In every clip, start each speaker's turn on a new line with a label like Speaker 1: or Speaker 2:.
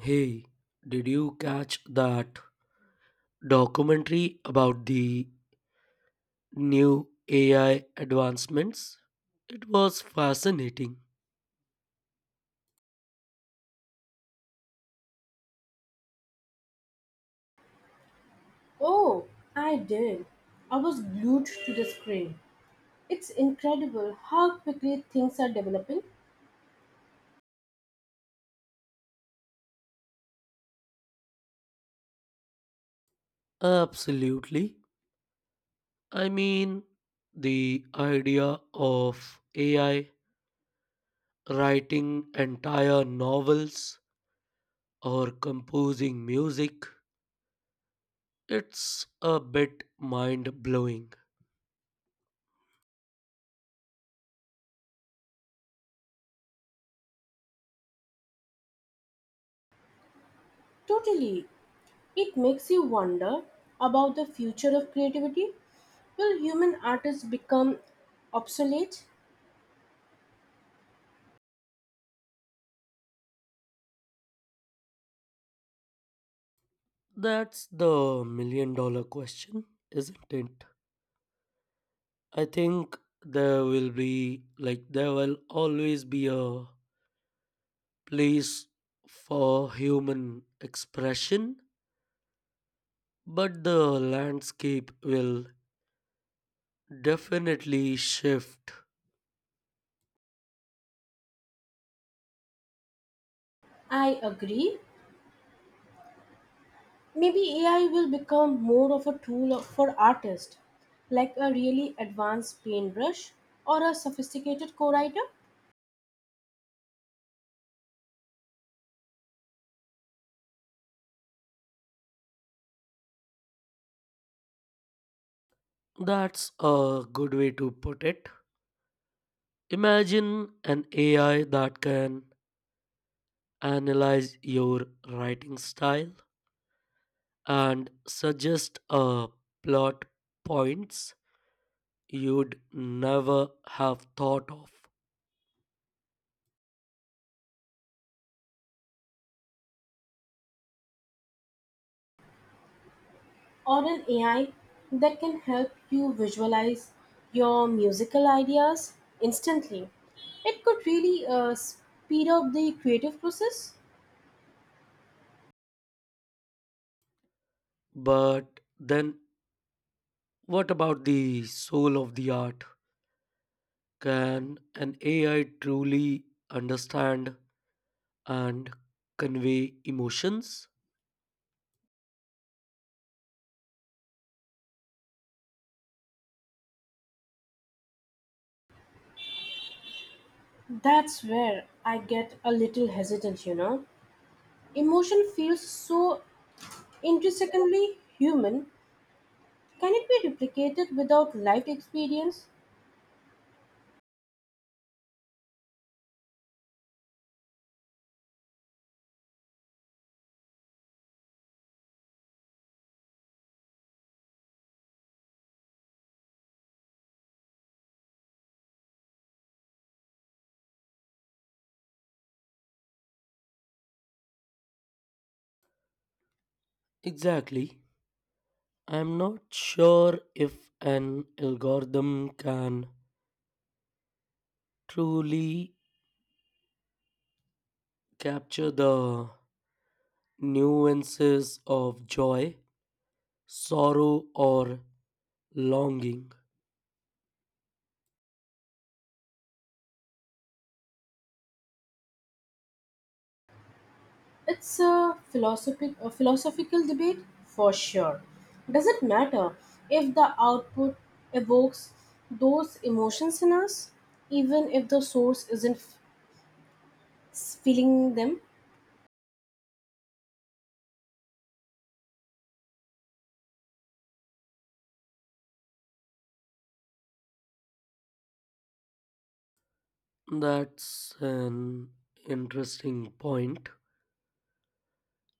Speaker 1: Hey, did you catch that documentary about the new AI advancements? It was fascinating.
Speaker 2: Oh, I did. I was glued to the screen. It's incredible how quickly things are developing.
Speaker 1: Absolutely. I mean, the idea of AI writing entire novels or composing music, it's a bit mind blowing.
Speaker 2: Totally. It makes you wonder about the future of creativity. Will human artists become obsolete?
Speaker 1: That's the million dollar question, isn't it? I think there will always be a place for human expression, but the landscape will definitely shift.
Speaker 2: I agree. Maybe AI will become more of a for artists, like a really advanced paintbrush or a sophisticated co writer.
Speaker 1: That's a good way to put it. Imagine an AI that can analyze your writing style and suggest a plot points you'd never have thought of.
Speaker 2: Or an AI that can help you visualize your musical ideas instantly. It could really speed up the creative process.
Speaker 1: But then, what about the soul of the art? Can an AI truly understand and convey emotions?
Speaker 2: That's where I get a little hesitant, you know. Emotion feels so intrinsically human. Can it be replicated without lived experience?
Speaker 1: Exactly. I'm not sure if an algorithm can truly capture the nuances of joy, sorrow, or longing.
Speaker 2: It's a philosophical debate for sure. Does it matter if the output evokes those emotions in us, even if the source isn't f- feeling them?
Speaker 1: That's an interesting point.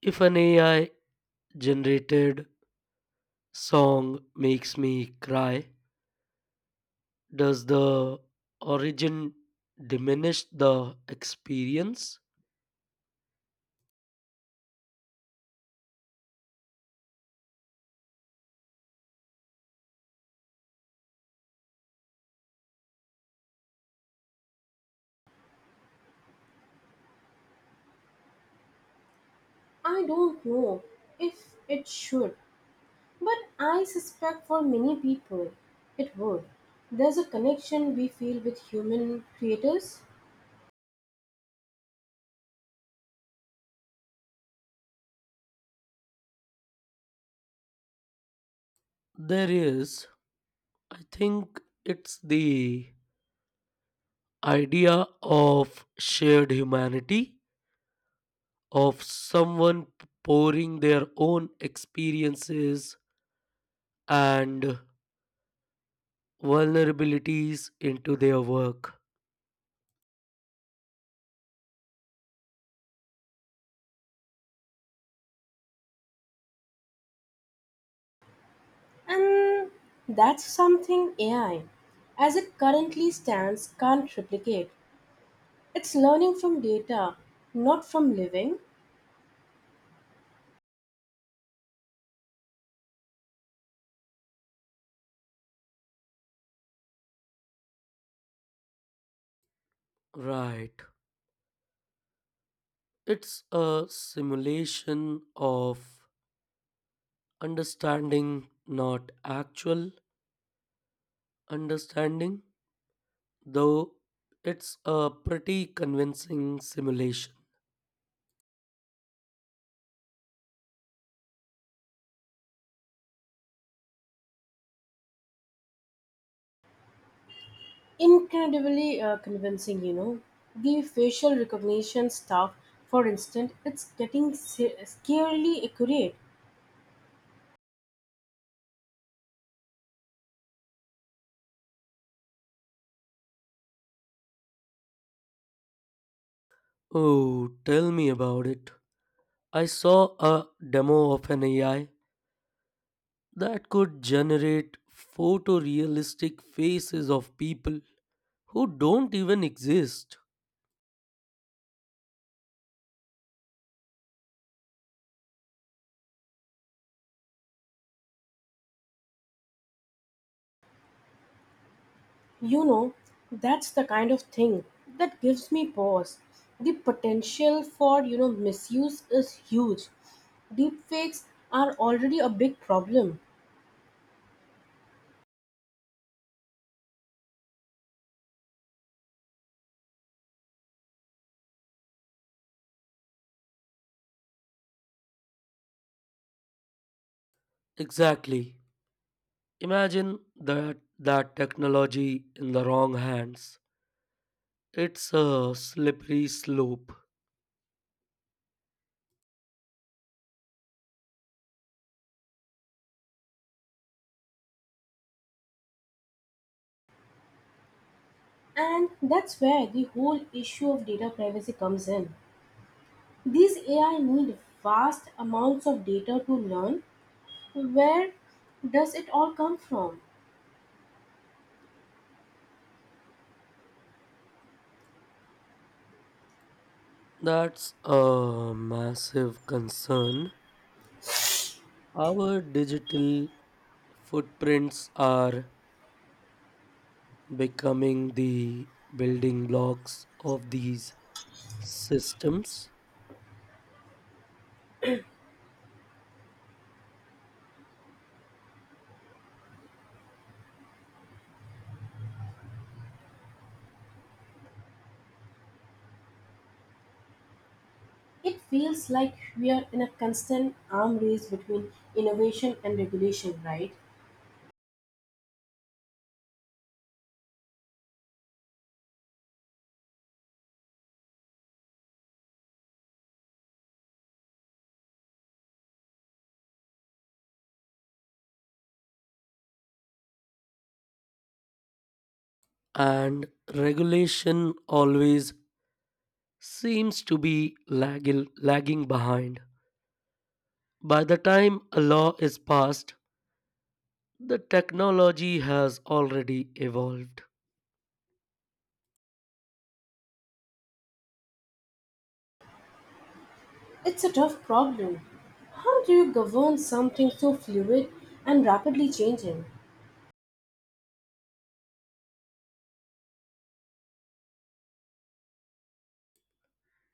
Speaker 1: If an AI generated song makes me cry, does the origin diminish the experience?
Speaker 2: I don't know if it should, but I suspect for many people it would. There's a connection we feel with human creators,
Speaker 1: There is. I think it's the idea of shared humanity, of someone pouring their own experiences and vulnerabilities into their work.
Speaker 2: and that's something AI, as it currently stands, can't replicate. It's learning from data, not from living.
Speaker 1: Right. It's a simulation of understanding, not actual understanding, though it's a pretty convincing simulation.
Speaker 2: Incredibly convincing, you know. The facial recognition stuff, for instance, scarily accurate.
Speaker 1: Oh, tell me about it. I saw a demo of an AI that could generate photorealistic faces of people who don't even exist.
Speaker 2: You know, that's the kind of thing that gives me pause. The potential for, you know, misuse is huge. Deepfakes are already a big problem,
Speaker 1: Exactly. Imagine that technology in the wrong hands. It's a slippery slope.
Speaker 2: and that's where the whole issue of data privacy comes in. These AI need vast amounts of data to learn. Where does it all come from?
Speaker 1: That's a massive concern. Our digital footprints are becoming the building blocks of these systems,
Speaker 2: It feels like we are in a constant arm race between innovation and regulation, right?
Speaker 1: and regulation always seems to be lagging behind. By the time a law is passed, the technology has already evolved.
Speaker 2: It's a tough problem. How do you govern something so fluid and rapidly changing?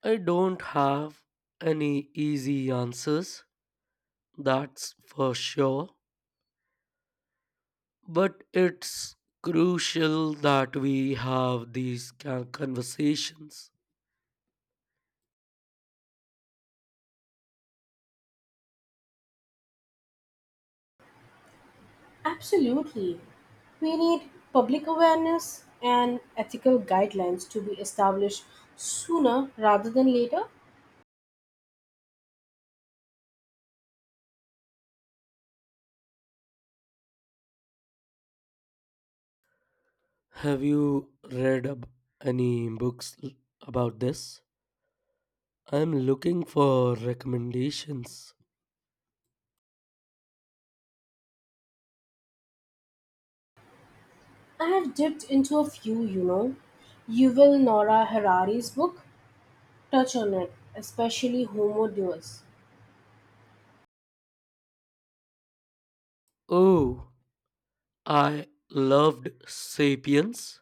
Speaker 1: I don't have any easy answers, that's for sure. But it's crucial that we have these conversations.
Speaker 2: Absolutely. We need public awareness and ethical guidelines to be established sooner rather than later.
Speaker 1: Have you read any books about this? I'm looking for recommendations.
Speaker 2: I have dipped into a few, you know. Yuval Noah Harari's book touch on it, especially Homo Deus.
Speaker 1: Oh, I loved Sapiens.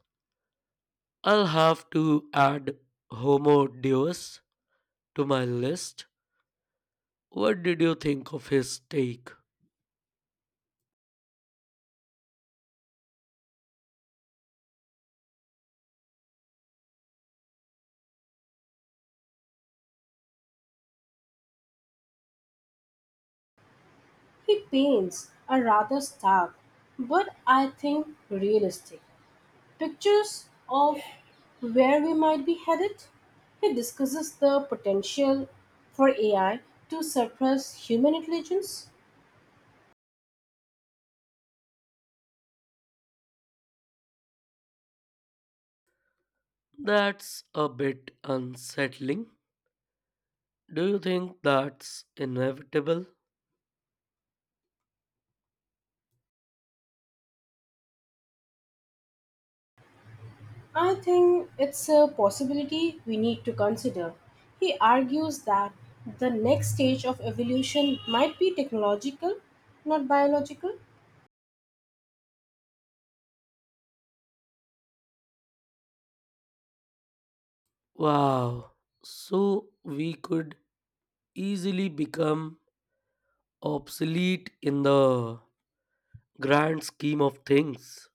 Speaker 1: I'll have to add Homo Deus to my list. What did you think of his take?
Speaker 2: He paints a rather stark, but I think realistic, pictures of where we might be headed. He discusses the potential for AI to surpass human intelligence.
Speaker 1: That's a bit unsettling. Do you think that's inevitable?
Speaker 2: I think it's a possibility we need to consider. He argues that the next stage of evolution might be technological, not biological.
Speaker 1: Wow. So we could easily become obsolete in the grand scheme of things.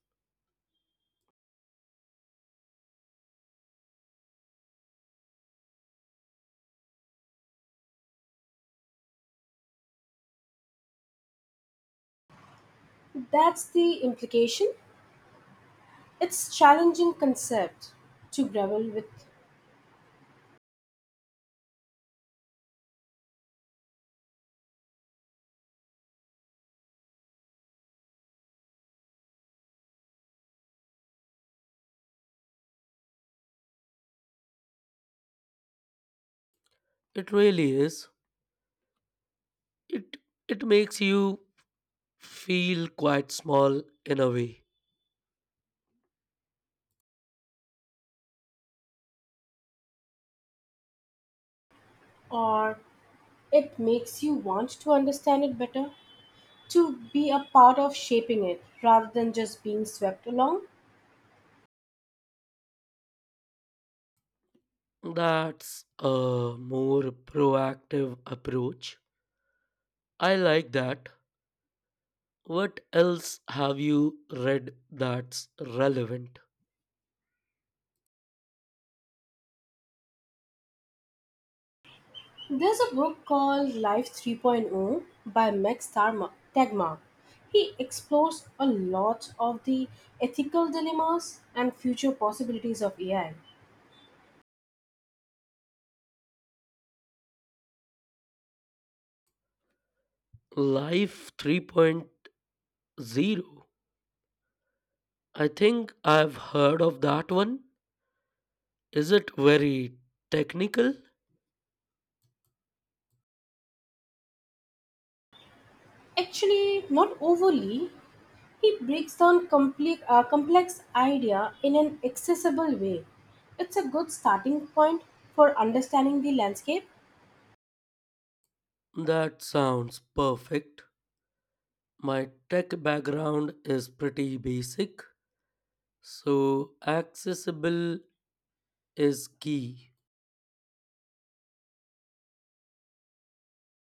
Speaker 2: That's the implication. It's challenging concept to grapple with.
Speaker 1: It really is. It it makes you feel quite small in a way.
Speaker 2: Or it makes you want to understand it better, to be a part of shaping it rather than just being swept along.
Speaker 1: That's a more proactive approach. I like that. What else have you read that's relevant?
Speaker 2: There's a book called Life 3.0 by Tegmark. He explores a lot of the ethical dilemmas and future possibilities of AI.
Speaker 1: Life three point zero. I think I've heard of that one. Is it very technical?
Speaker 2: Actually, not overly, he breaks down complex idea in an accessible way. It's a good starting point for understanding the landscape.
Speaker 1: That sounds perfect. My tech background is pretty basic, so accessible is key.